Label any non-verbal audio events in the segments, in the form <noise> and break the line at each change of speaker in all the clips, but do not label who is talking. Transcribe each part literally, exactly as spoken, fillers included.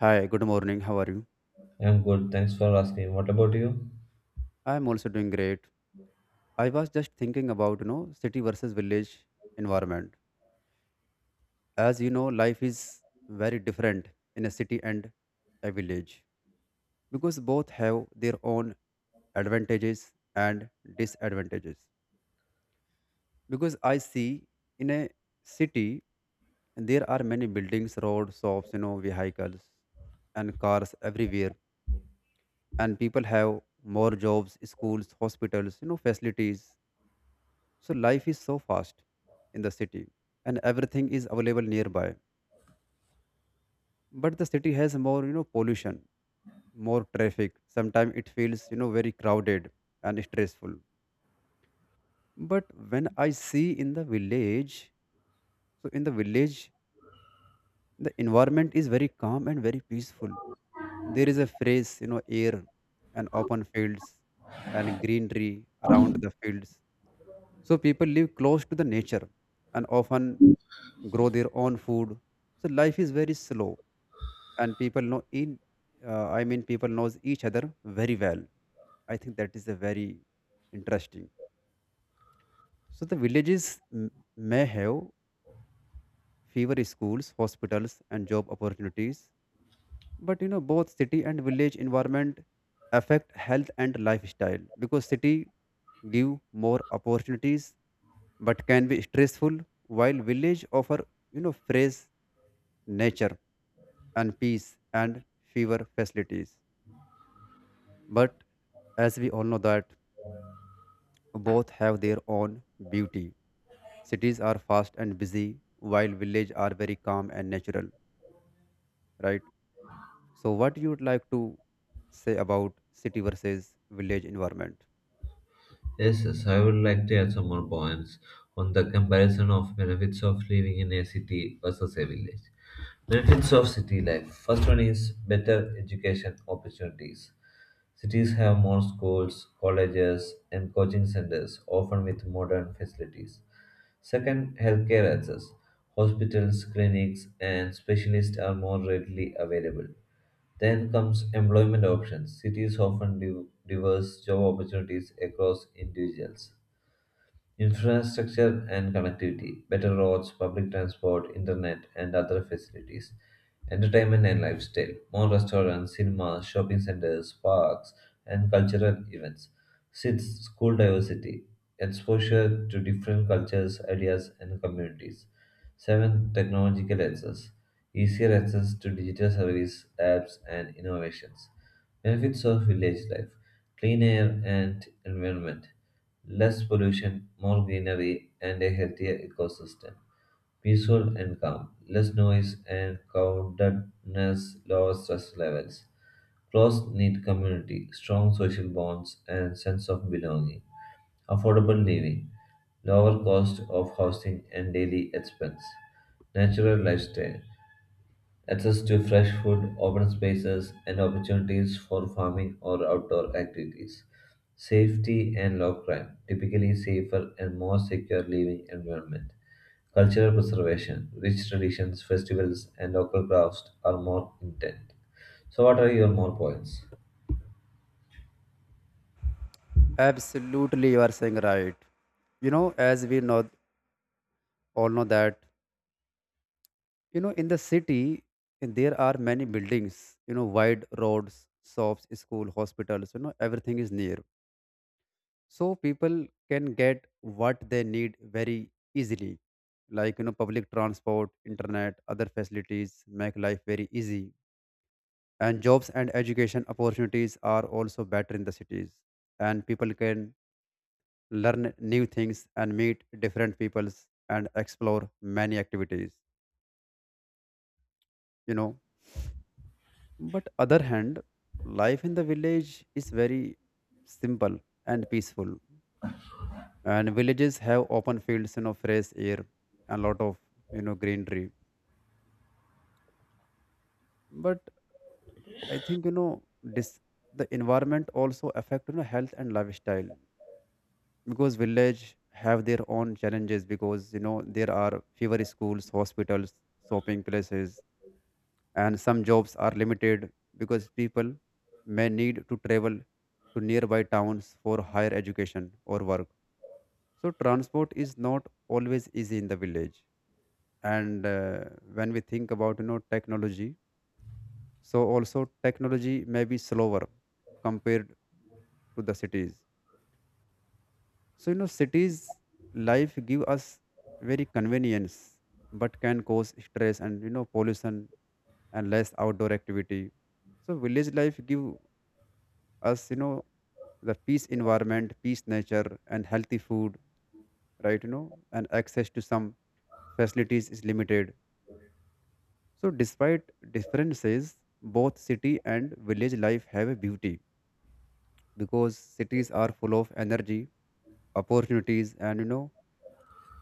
Hi, good morning. How are you?
I'm good. Thanks for asking. What about you?
I am also doing great. I was just thinking about, you know, city versus village environment. As you know, life is very different in a city and a village because both have their own advantages and disadvantages. Because I see in a city there are many buildings, roads, shops, you know, vehicles and cars everywhere, and people have more jobs, schools, hospitals, you know, facilities. So life is so fast in the city and everything is available nearby. But the city has more, you know, pollution, more traffic. Sometimes it feels, you know, very crowded and stressful. But when I see in the village, so in the village the environment is very calm and very peaceful. There is a phrase, you know, air and open fields and greenery around the fields, so people live close to the nature and often grow their own food. So life is very slow and people know in uh, i mean people knows each other very well. I think that is a very interesting. So the villages m- may have fewer schools, hospitals and job opportunities. But you know both city and village environment affect health and lifestyle, because city give more opportunities but can be stressful, while village offer, you know, fresh nature and peace and fewer facilities. But as we all know that both have their own beauty. Cities are fast and busy while village are very calm and natural, right? So, what you would like to say about city versus village environment?
Yes, yes, I would like to add some more points on the comparison of benefits of living in a city versus a village. Benefits of city life. First one is better education opportunities. Cities have more schools, colleges, and coaching centers, often with modern facilities. Second, healthcare access. Hospitals, clinics, and specialists are more readily available. Then comes employment options. Cities often div- diverse job opportunities across individuals. Infrastructure and connectivity, better roads, public transport, internet, and other facilities. Entertainment and lifestyle, more restaurants, cinemas, shopping centers, parks, and cultural events. Sixth, school diversity, exposure to different cultures, ideas, and communities. Seventh, technological access, easier access to digital service, apps, and innovations. Benefits of village life, clean air and environment. Less pollution, more greenery, and a healthier ecosystem. Peaceful and calm, less noise and crowdedness, lower stress levels. Close, knit community, strong social bonds, and sense of belonging. Affordable living, lower cost of housing and daily expense. Natural lifestyle, access to fresh food, open spaces, and opportunities for farming or outdoor activities. Safety and low crime, typically safer and more secure living environment. Cultural preservation, rich traditions, festivals, and local crafts are more intent. So, what are your more points?
Absolutely, you are saying right. You know, as we know all know that, you know, in the city there are many buildings. You know, wide roads, shops, school, hospitals. You know, everything is near, so people can get what they need very easily. Like you know, public transport, internet, other facilities make life very easy, and jobs and education opportunities are also better in the cities, and people can learn new things and meet different peoples and explore many activities, you know. But other hand, life in the village is very simple and peaceful, and villages have open fields, you know, fresh air and lot of, you know greenery. But I think you know this the environment also affect, you know, health and lifestyle, because village have their own challenges. Because you know there are fewer schools, hospitals, shopping places, and some jobs are limited because people may need to travel to nearby towns for higher education or work. So transport is not always easy in the village. And uh, when we think about, you know, technology, so also technology may be slower compared to the cities. So you know, cities life give us very convenience, but can cause stress and, you know, pollution and less outdoor activity. So village life give us, you know, the peace environment, peace nature, and healthy food, right? You know, and access to some facilities is limited. So despite differences, both city and village life have a beauty, because cities are full of energy, opportunities, and you know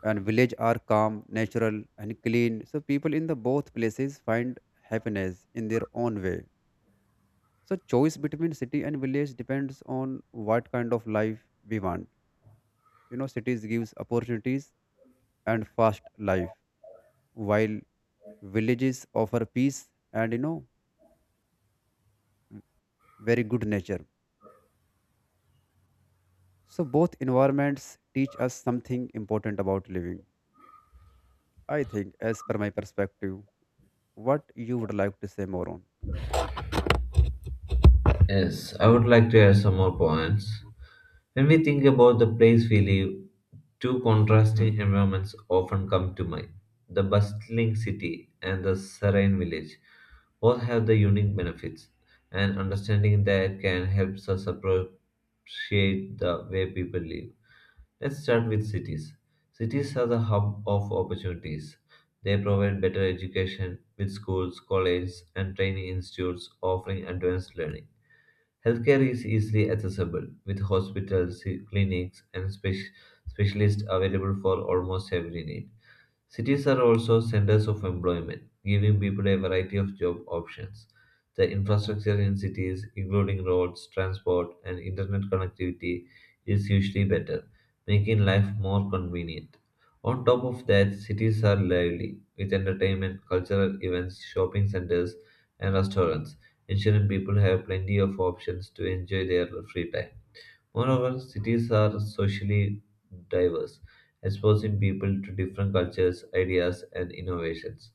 and village are calm, natural, and clean. So people in the both places find happiness in their own way. So choice between city and village depends on what kind of life we want. You know, cities gives opportunities and fast life, while villages offer peace and, you know, very good nature. So both environments teach us something important about living. I think, as per my perspective, what you would like to say more on.
Yes, I would like to add some more points. When we think about the place we live, two contrasting environments often come to mind, the bustling city and the serene village. Both have the unique benefits, and understanding that can help us appreciate the way people live. Let's start with cities. Cities are the hub of opportunities. They provide better education with schools, colleges, and training institutes offering advanced learning. Healthcare is easily accessible, with hospitals, clinics, and spec- specialists available for almost every need. Cities are also centers of employment, giving people a variety of job options. The infrastructure in cities, including roads, transport, and internet connectivity, is usually better, making life more convenient. On top of that, cities are lively, with entertainment, cultural events, shopping centers, and restaurants, ensuring people have plenty of options to enjoy their free time. Moreover, cities are socially diverse, exposing people to different cultures, ideas, and innovations.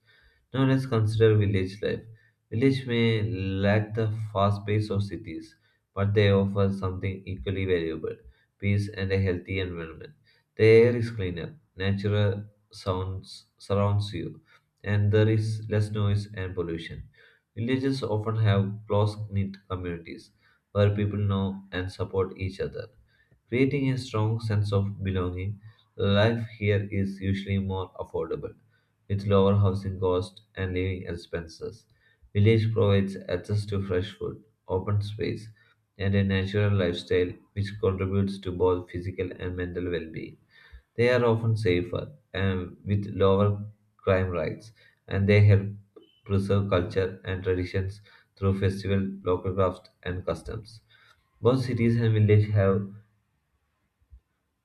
Now let's consider village life. Village may lack the fast pace of cities, but they offer something equally valuable, peace and a healthy environment. The air is cleaner, natural sounds surrounds you, and there is less noise and pollution. Villages often have close knit communities where people know and support each other. Creating a strong sense of belonging, life here is usually more affordable, with lower housing costs and living expenses. Village provides access to fresh food, open space, and a natural lifestyle which contributes to both physical and mental well being. They are often safer and with lower crime rates, and they help preserve culture and traditions through festival, local crafts, and customs. Both cities and villages have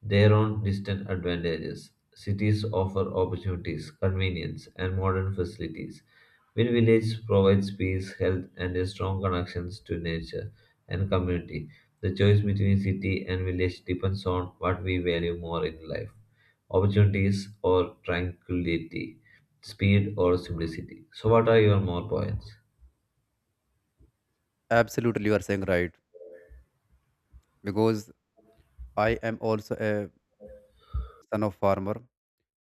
their own distinct advantages. Cities offer opportunities, convenience, and modern facilities, while villages provides peace, health, and a strong connections to nature and community. The choice between city and village depends on what we value more in life: opportunities or tranquility, speed or simplicity. So, what are your more points?
Absolutely, you are saying right, because I am also a son of farmer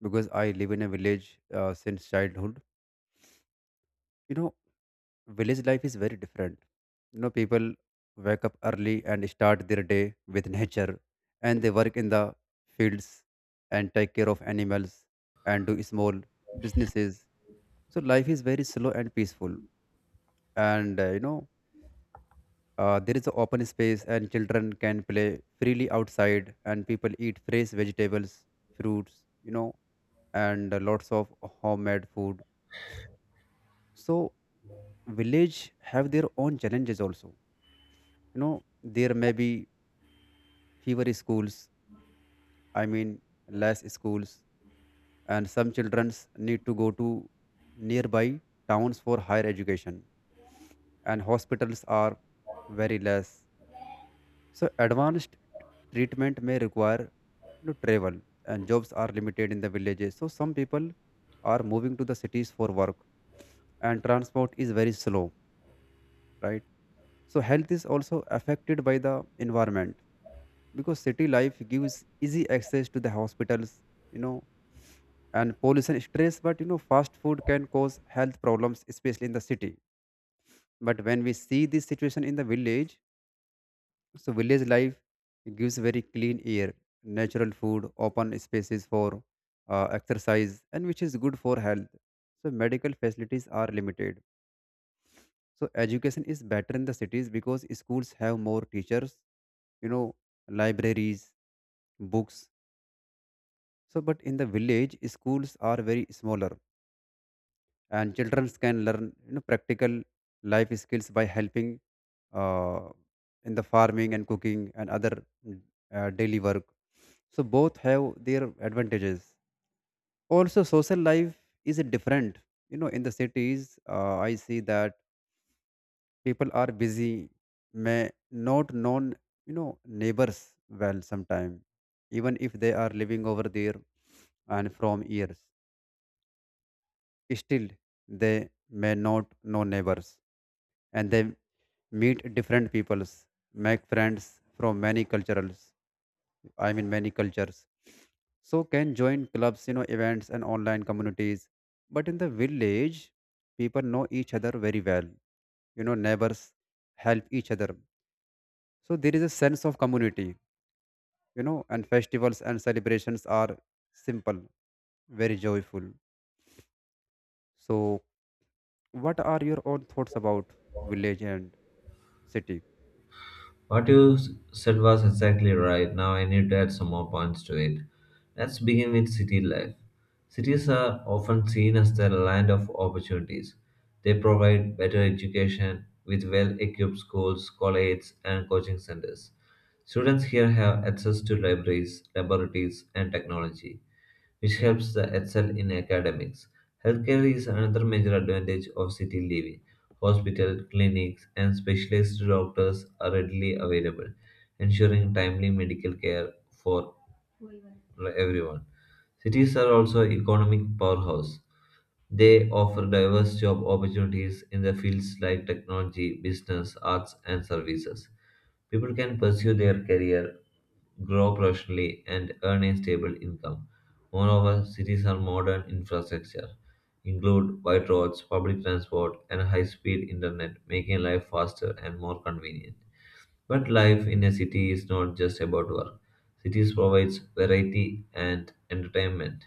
because I live in a village uh, since childhood. You know, village life is very different. You know, people wake up early and start their day with <laughs> nature, and they work in the fields and take care of animals and do small businesses. So life is very slow and peaceful, and uh, you know. Uh, there is an open space and children can play freely outside, and people eat fresh vegetables, fruits, you know, and lots of homemade food. So village have their own challenges also. You know, there may be fewer schools, I mean less schools, and some childrens need to go to nearby towns for higher education. And hospitals are very less. So advanced treatment may require, you know, travel, and jobs are limited in the villages. So some people are moving to the cities for work, and transport is very slow, right? So health is also affected by the environment, because city life gives easy access to the hospitals, you know, and pollution stress, but you know, fast food can cause health problems, especially in the city. But when we see this situation in the village, so village life gives very clean air, natural food, open spaces for uh, exercise, and which is good for health. So medical facilities are limited. So education is better in the cities because schools have more teachers, you know, libraries, books. So but in the village, schools are very smaller, and children can learn, you know, practical life skills by helping uh, in the farming and cooking and other mm, uh, daily work. So both have their advantages. Also, social life is different. You know, in the cities, uh, I see that people are busy, may not known, you know, neighbors well sometime, even if they are living over there and from years. Still, they may not know neighbors, and they meet different peoples, make friends from many cultures. I mean, many cultures. So can join clubs, you know, events and online communities. But in the village, people know each other very well. You know, neighbors help each other. So there is a sense of community, you know, and festivals and celebrations are simple, very joyful. So what are your own thoughts about village and city?
What you s- said was exactly right. Now I need to add some more points to it. Let's begin with city life. Cities are often seen as the land of opportunities. They provide better education with well equipped schools, colleges, and coaching centers. Students here have access to libraries, laboratories, and technology, which helps them excel in academics. Healthcare is another major advantage of city living. Hospital, clinics, and specialist doctors are readily available, ensuring timely medical care for everyone. Cities are also economic powerhouse. They offer diverse job opportunities in the fields like technology, business, arts, and services. People can pursue their career, grow professionally, and earn a stable income. Moreover, cities are modern infrastructure include wide roads, public transport, and high-speed internet, making life faster and more convenient. But life in a city is not just about work. Cities provides variety and entertainment,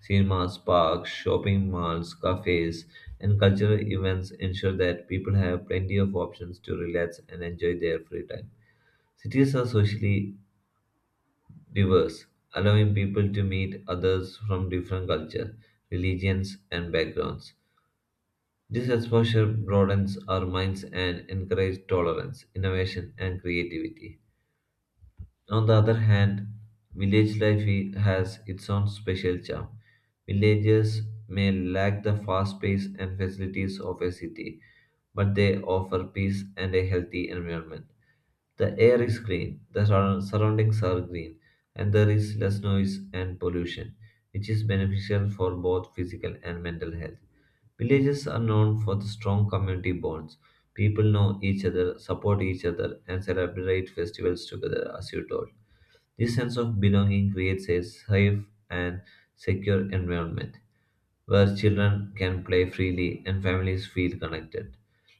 cinemas, parks, shopping malls, cafes, and cultural events ensure that people have plenty of options to relax and enjoy their free time. Cities are socially diverse, allowing people to meet others from different cultures, religions, and backgrounds. This exposure broadens our minds and encourages tolerance, innovation, and creativity. On the other hand, village life i- has its own special charm. Villages may lack the fast pace and facilities of a city, but they offer peace and a healthy environment. The air is clean, the surround- surroundings are green, and there is less noise and pollution, which is beneficial for both physical and mental health. Villages are known for the strong community bonds. People know each other, support each other, and celebrate festivals together, as you told. This sense of belonging creates a safe and secure environment where children can play freely and families feel connected.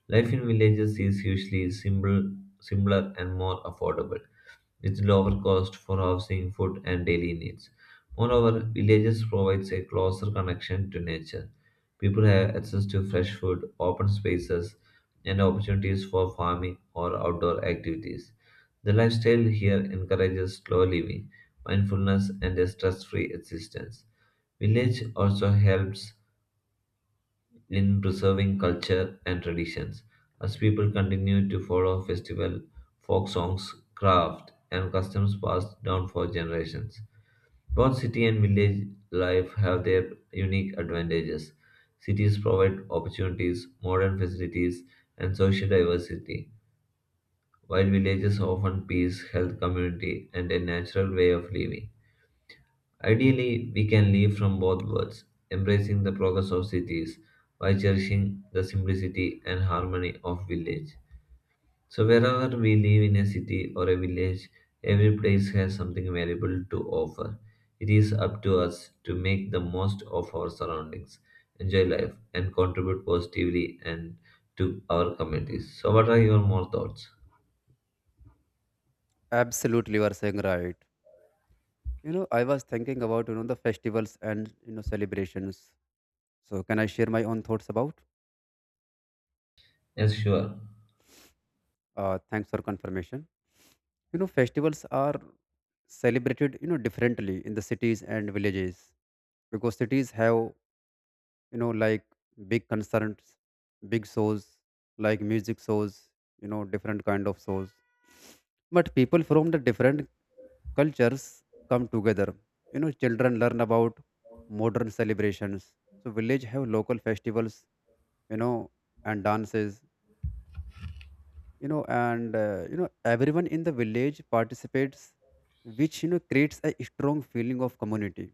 Life in villages is usually simple, simpler and more affordable, with lower cost for housing, food, and daily needs. Moreover, villages provides a closer connection to nature. People have access to fresh food, open spaces, and opportunities for farming or outdoor activities. The lifestyle here encourages slow living, mindfulness, and a stress-free existence. Village also helps in preserving culture and traditions. As people continue to follow festival, folk songs, craft, and customs passed down for generations. Both city and village life have their unique advantages. Cities provide opportunities, modern facilities, and social diversity, while villages offer peace, health, community, and a natural way of living. Ideally, we can live from both worlds, embracing the progress of cities while cherishing the simplicity and harmony of village. So wherever we live in a city or a village, every place has something valuable to offer. It is up to us to make the most of our surroundings, enjoy life, and contribute positively and to our communities. So what are your more thoughts?
Absolutely, you are saying right. You know, I was thinking about, you know, the festivals and, you know, celebrations. So can I share my own thoughts about?
Yes, sure.
Uh, thanks for confirmation. You know, festivals are celebrated, you know, differently in the cities and villages, because cities have, you know, like big concerts, big shows, like music shows, you know, different kind of shows, but people from the different cultures come together. You know, children learn about modern celebrations. So village have local festivals, you know, and dances, you know, and uh, you know everyone in the village participates, which you know creates a strong feeling of community.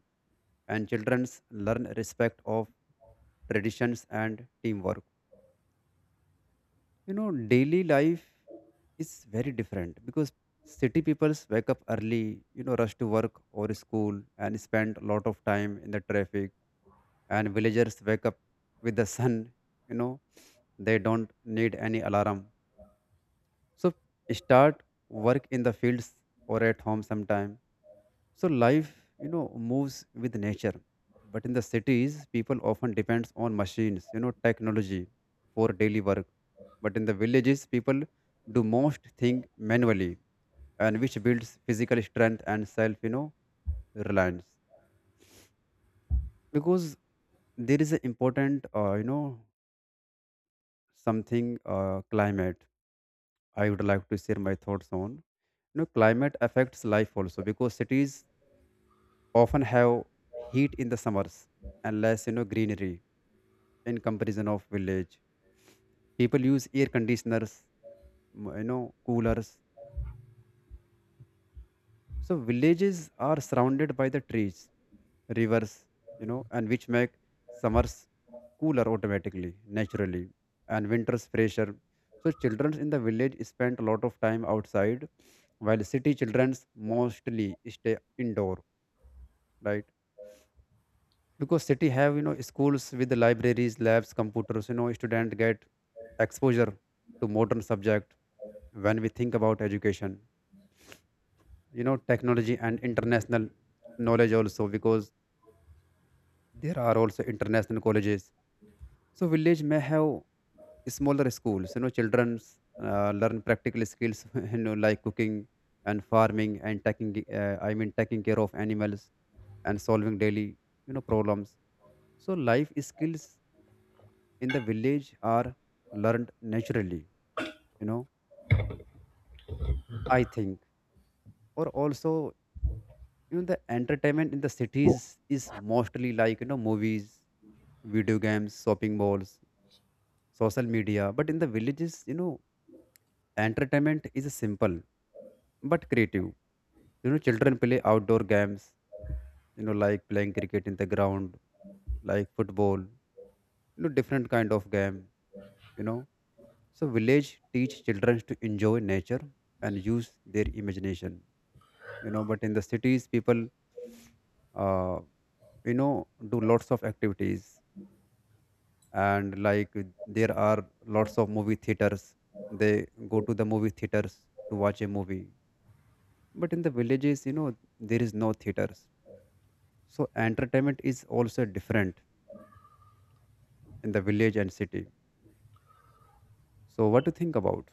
And childrens learn respect of traditions and teamwork. You know, daily life is very different, because city peoples wake up early, you know, rush to work or school and spend a lot of time in the traffic, and villagers wake up with the sun, you know, they don't need any alarm. So start work in the fields or at home sometime, so life, you know, moves with nature. But in the cities, people often depends on machines, you know, technology for daily work. But in the villages, people do most thing manually, and which builds physical strength and self, you know, reliance. Because there is an important, uh, you know, something uh, climate, I would like to share my thoughts on. You know, climate affects life also because cities often have heat in the summers and less, you know, greenery in comparison of village. People use air conditioners, m- you know, coolers. So villages are surrounded by the trees, rivers, you know, and which make summers cooler automatically, naturally, and winters fresher. So children in the village spend a lot of time outside, while city children mostly stay indoor, right? Because city have, you know, schools with libraries, labs, computers, you know, students get exposure to modern subject when we think about education, you know, technology and international knowledge also, because there are also international colleges. So village may have smaller schools, you know, children uh, learn practical skills <laughs> you know like cooking and farming and taking uh, i mean taking care of animals and solving daily, you know, problems. So life skills in the village are learned naturally, you know, I think. Or also, you know, the entertainment in the cities is mostly like, you know, movies, video games, shopping malls, social media. But in the villages, you know, entertainment is simple but creative. You know, children play outdoor games, you know, like playing cricket in the ground, like football, you know, different kind of game, you know. So village teach children to enjoy nature and use their imagination, you know. But in the cities people, uh, you know do lots of activities and like, uh, there are lots of movie theaters, they go to the movie theaters to watch a movie. But in the villages, you know, there is no theaters. So entertainment is also different in the village and city. So what do you think about?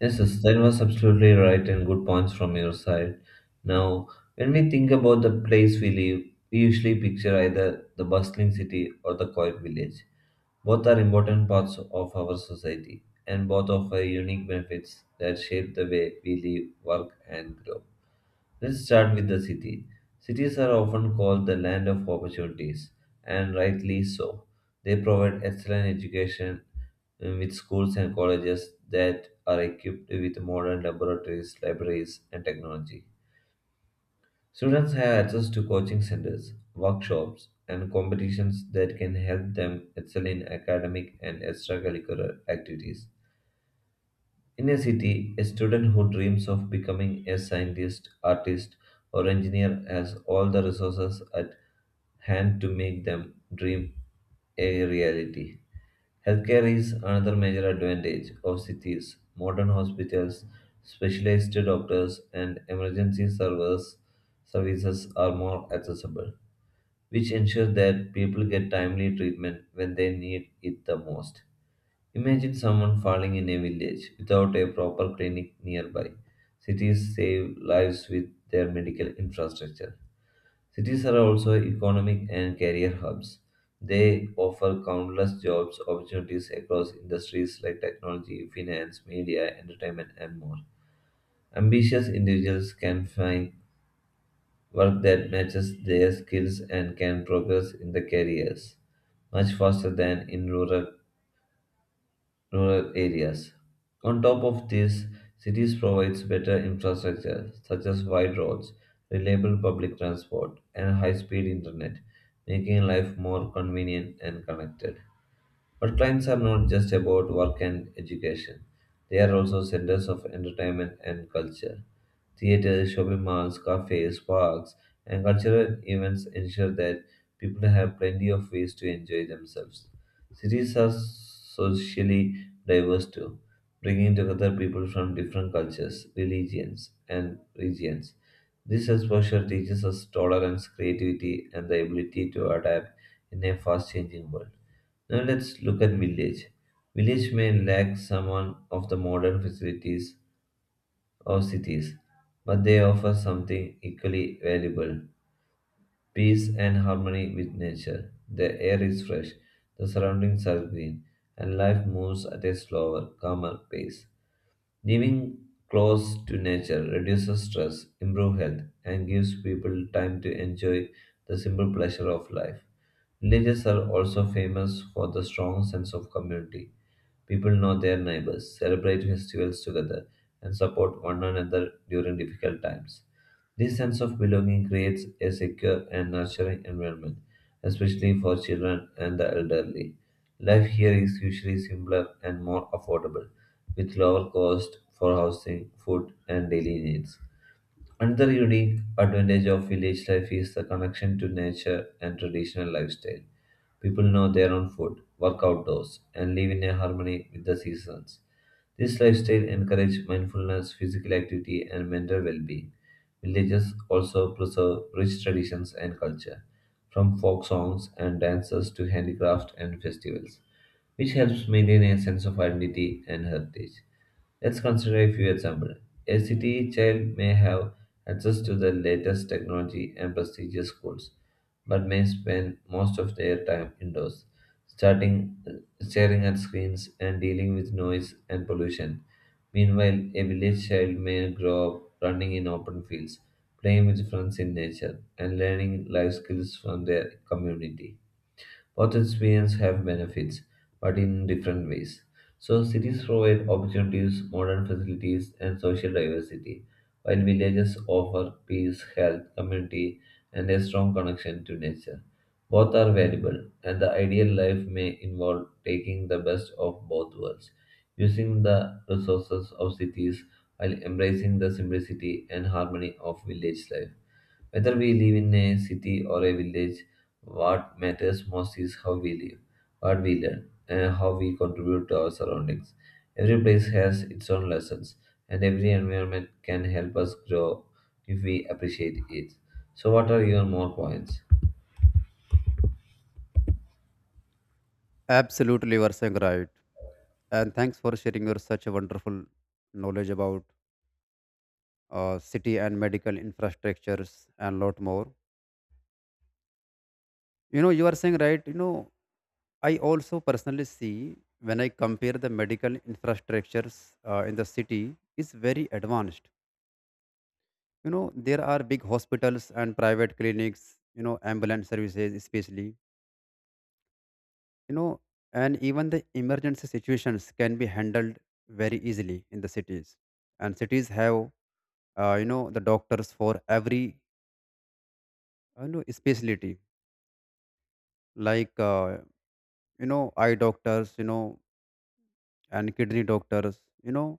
Yes, yes, that was absolutely right and good points from your side. Now, when we think about the place we live, we usually picture either the bustling city or the quiet village. Both are important parts of our society, and both offer unique benefits that shape the way we live, work, and grow. Let's start with the city. Cities are often called the land of opportunities, and rightly so. They provide excellent education uh, with schools and colleges that are equipped with modern laboratories, libraries, and technology. Students have access to coaching centers, workshops, and competitions that can help them excel in academic and extracurricular activities. In a city, a student who dreams of becoming a scientist, artist, or engineer has all the resources at hand to make them dream a reality. Healthcare is another major advantage of cities. Modern hospitals, specialized doctors, and emergency service services are more accessible, which ensure that people get timely treatment when they need it the most. Imagine someone falling in a village without a proper clinic nearby. Cities save lives with their medical infrastructure. Cities are also economic and career hubs. They offer countless jobs opportunities across industries like technology, finance, media, entertainment, and more. Ambitious individuals can find work that matches their skills and can progress in the careers much faster than in rural rural areas. On top of this, cities provides better infrastructure such as wide roads, reliable public transport, and high-speed internet, making life more convenient and connected. But clients are not just about work and education, they are also centers of entertainment and culture. Theaters, shopping malls, cafes, parks, and cultural events ensure that people have plenty of ways to enjoy themselves. Cities are socially diverse too, bringing together people from different cultures, religions, and regions. This exposure teaches us tolerance, creativity, and the ability to adapt in a fast changing world. Now let's look at village. Village may lack some of the modern facilities of cities, but they offer something equally valuable, peace and harmony with nature. The air is fresh, the surroundings are green, and life moves at a slower, calmer pace. Living close to nature reduces stress, improves health, and gives people time to enjoy the simple pleasure of life. Villages are also famous for the strong sense of community. People know their neighbors, celebrate festivals together, and support one another during difficult times. This sense of belonging creates a secure and nurturing environment, especially for children and the elderly. Life here is usually simpler and more affordable, with lower cost for housing, food, and daily needs. Another unique advantage of village life is the connection to nature and traditional lifestyle. People know their own food, work outdoors, and live in a harmony with the seasons. This lifestyle encourages mindfulness, physical activity, and mental well-being. Villages also preserve rich traditions and culture, from folk songs and dances to handicraft and festivals which helps maintain a sense of identity and heritage. Let's consider a few examples. A city child may have access to the latest technology and prestigious schools, but may spend most of their time indoors, starting staring at screens and dealing with noise and pollution. Meanwhile, a village child may grow up running in open fields, playing with friends in nature, and learning life skills from their community. Both experiences have benefits, but in different ways. So, cities provide opportunities, modern facilities, and social diversity, while villages offer peace, health, community, and a strong connection to nature. Both are valuable, and the ideal life may involve taking the best of both worlds, using the resources of cities while embracing the simplicity and harmony of village life. Whether we live in a city or a village, what matters most is how we live, what we learn, and how we contribute to our surroundings. Every place has its own lessons, and every environment can help us grow if we appreciate it. So, what are your more points?
Absolutely, you are saying right, and thanks for sharing your such a wonderful knowledge about uh, city and medical infrastructures And lot more. You know you are saying right. you know I also personally see when I compare the medical infrastructures uh, in the city is very advanced. You know, there are big hospitals and private clinics, you know, ambulance services especially, you know, and even the emergency situations can be handled very easily in the cities. And cities have, uh, you know, the doctors for every, uh, you know, specialty like, uh, you know, eye doctors, you know, and kidney doctors, you know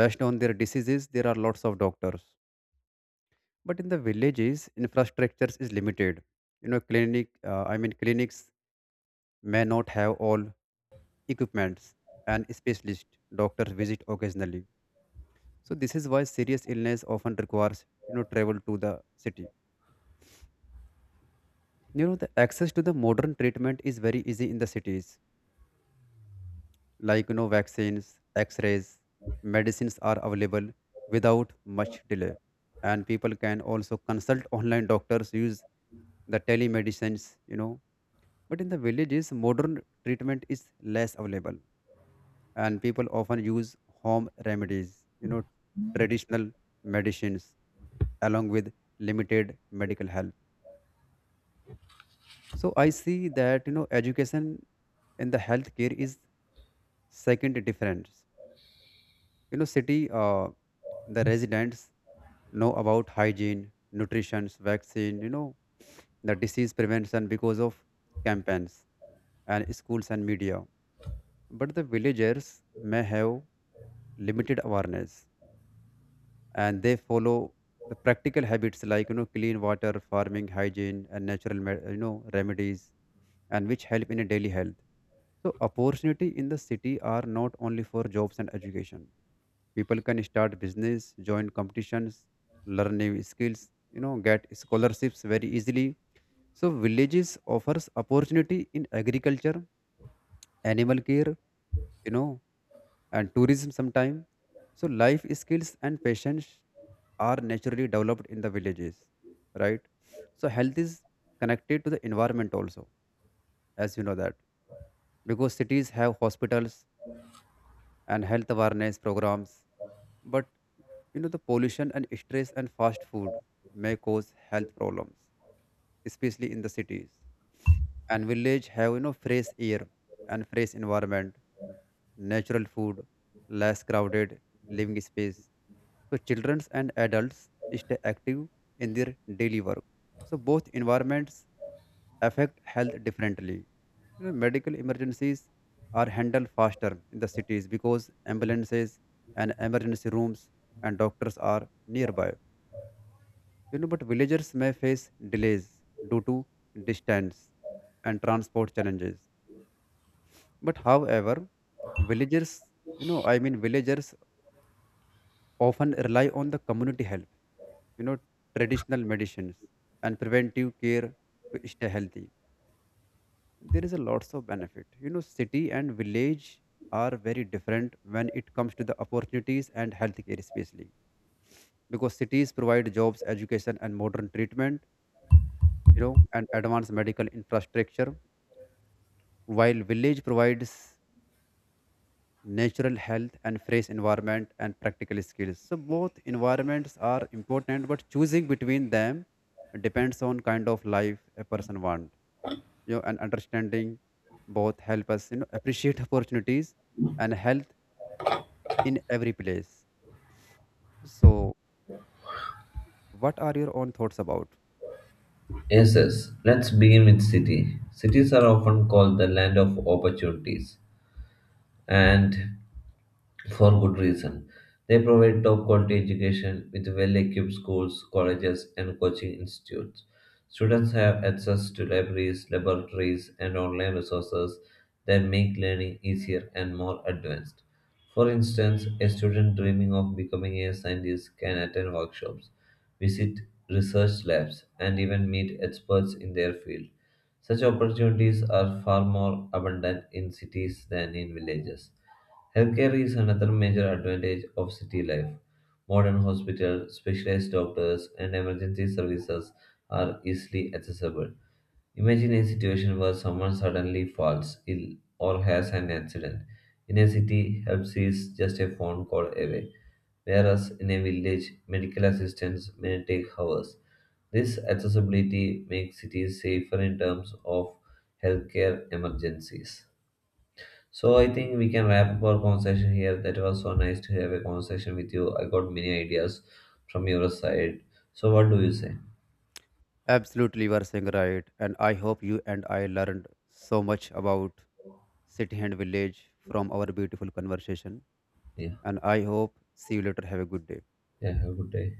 based on their diseases there are lots of doctors. But in the villages infrastructures is limited. You know clinic, uh, i mean clinics may not have all equipments, and specialist doctors visit occasionally. So this is why serious illness often requires, you know travel to the city. You know the access to the modern treatment is very easy in the cities, like, you know vaccines, x-rays, medicines are available without much delay. And people can also consult online doctors, use the telemedicines, you know. But in the villages modern treatment is less available, and people often use home remedies, you know traditional medicines, along with limited medical help. So I see that, you know education in the healthcare is second difference. You know, city, uh, the residents know about hygiene, nutrition, vaccine, you know, the disease prevention because of campaigns and schools and media. But the villagers may have limited awareness, and they follow the practical habits like, you know, clean water, farming, hygiene, and natural, me- you know, remedies, and which help in a daily health. So opportunity in the city are not only for jobs and education. People can start business, join competitions, learn new skills, you know get scholarships very easily. So villages offers opportunity in agriculture, animal care, you know and tourism sometime. So life skills and patience are naturally developed in the villages, right? So health is connected to the environment also, as you know that, because cities have hospitals and health awareness programs. But You know, the pollution and stress and fast food may cause health problems, especially in the cities. And village have, you know, fresh air and fresh environment, natural food, less crowded living space. So children and adults stay active in their daily work. So both environments affect health differently. You know, medical emergencies are handled faster in the cities, because ambulances and emergency rooms and doctors are nearby. You know, but villagers may face delays due to distance and transport challenges. But however, villagers, you know, I mean, villagers often rely on the community help, you know, traditional medicines and preventive care to stay healthy. There is a lots of benefit. You know city and village are very different when it comes to the opportunities and healthcare especially, because cities provide jobs, education and modern treatment, you know and advanced medical infrastructure, while village provides natural health and fresh environment and practical skills. So both environments are important, but choosing between them depends on kind of life a person want, you know and understanding both help us, you know appreciate opportunities and health in every place. So, what are your own thoughts about?
Yes, yes. Let's begin with city. Cities are often called the land of opportunities, and for good reason. They provide top quality education with well equipped schools, colleges, and coaching institutes. Students have access to libraries, laboratories, and online resources that make learning easier and more advanced. For instance, a student dreaming of becoming a scientist can attend workshops, visit research labs, and even meet experts in their field. Such opportunities are far more abundant in cities than in villages. Healthcare is another major advantage of city life. Modern hospitals, specialized doctors, and emergency services are easily accessible. Imagine a situation where someone suddenly falls ill or has an accident. In a city, help is just a phone call away, whereas in a village, medical assistance may take hours. This accessibility makes cities safer in terms of healthcare emergencies. So I think we can wrap up our conversation here. That was so nice to have a conversation with you. I got many ideas from your side. So what do you say?
Absolutely, you are saying right. And I hope you and I learned so much about city and village from our beautiful conversation.
Yeah.
And I hope see you later. Have a good day.
Yeah, have a good day.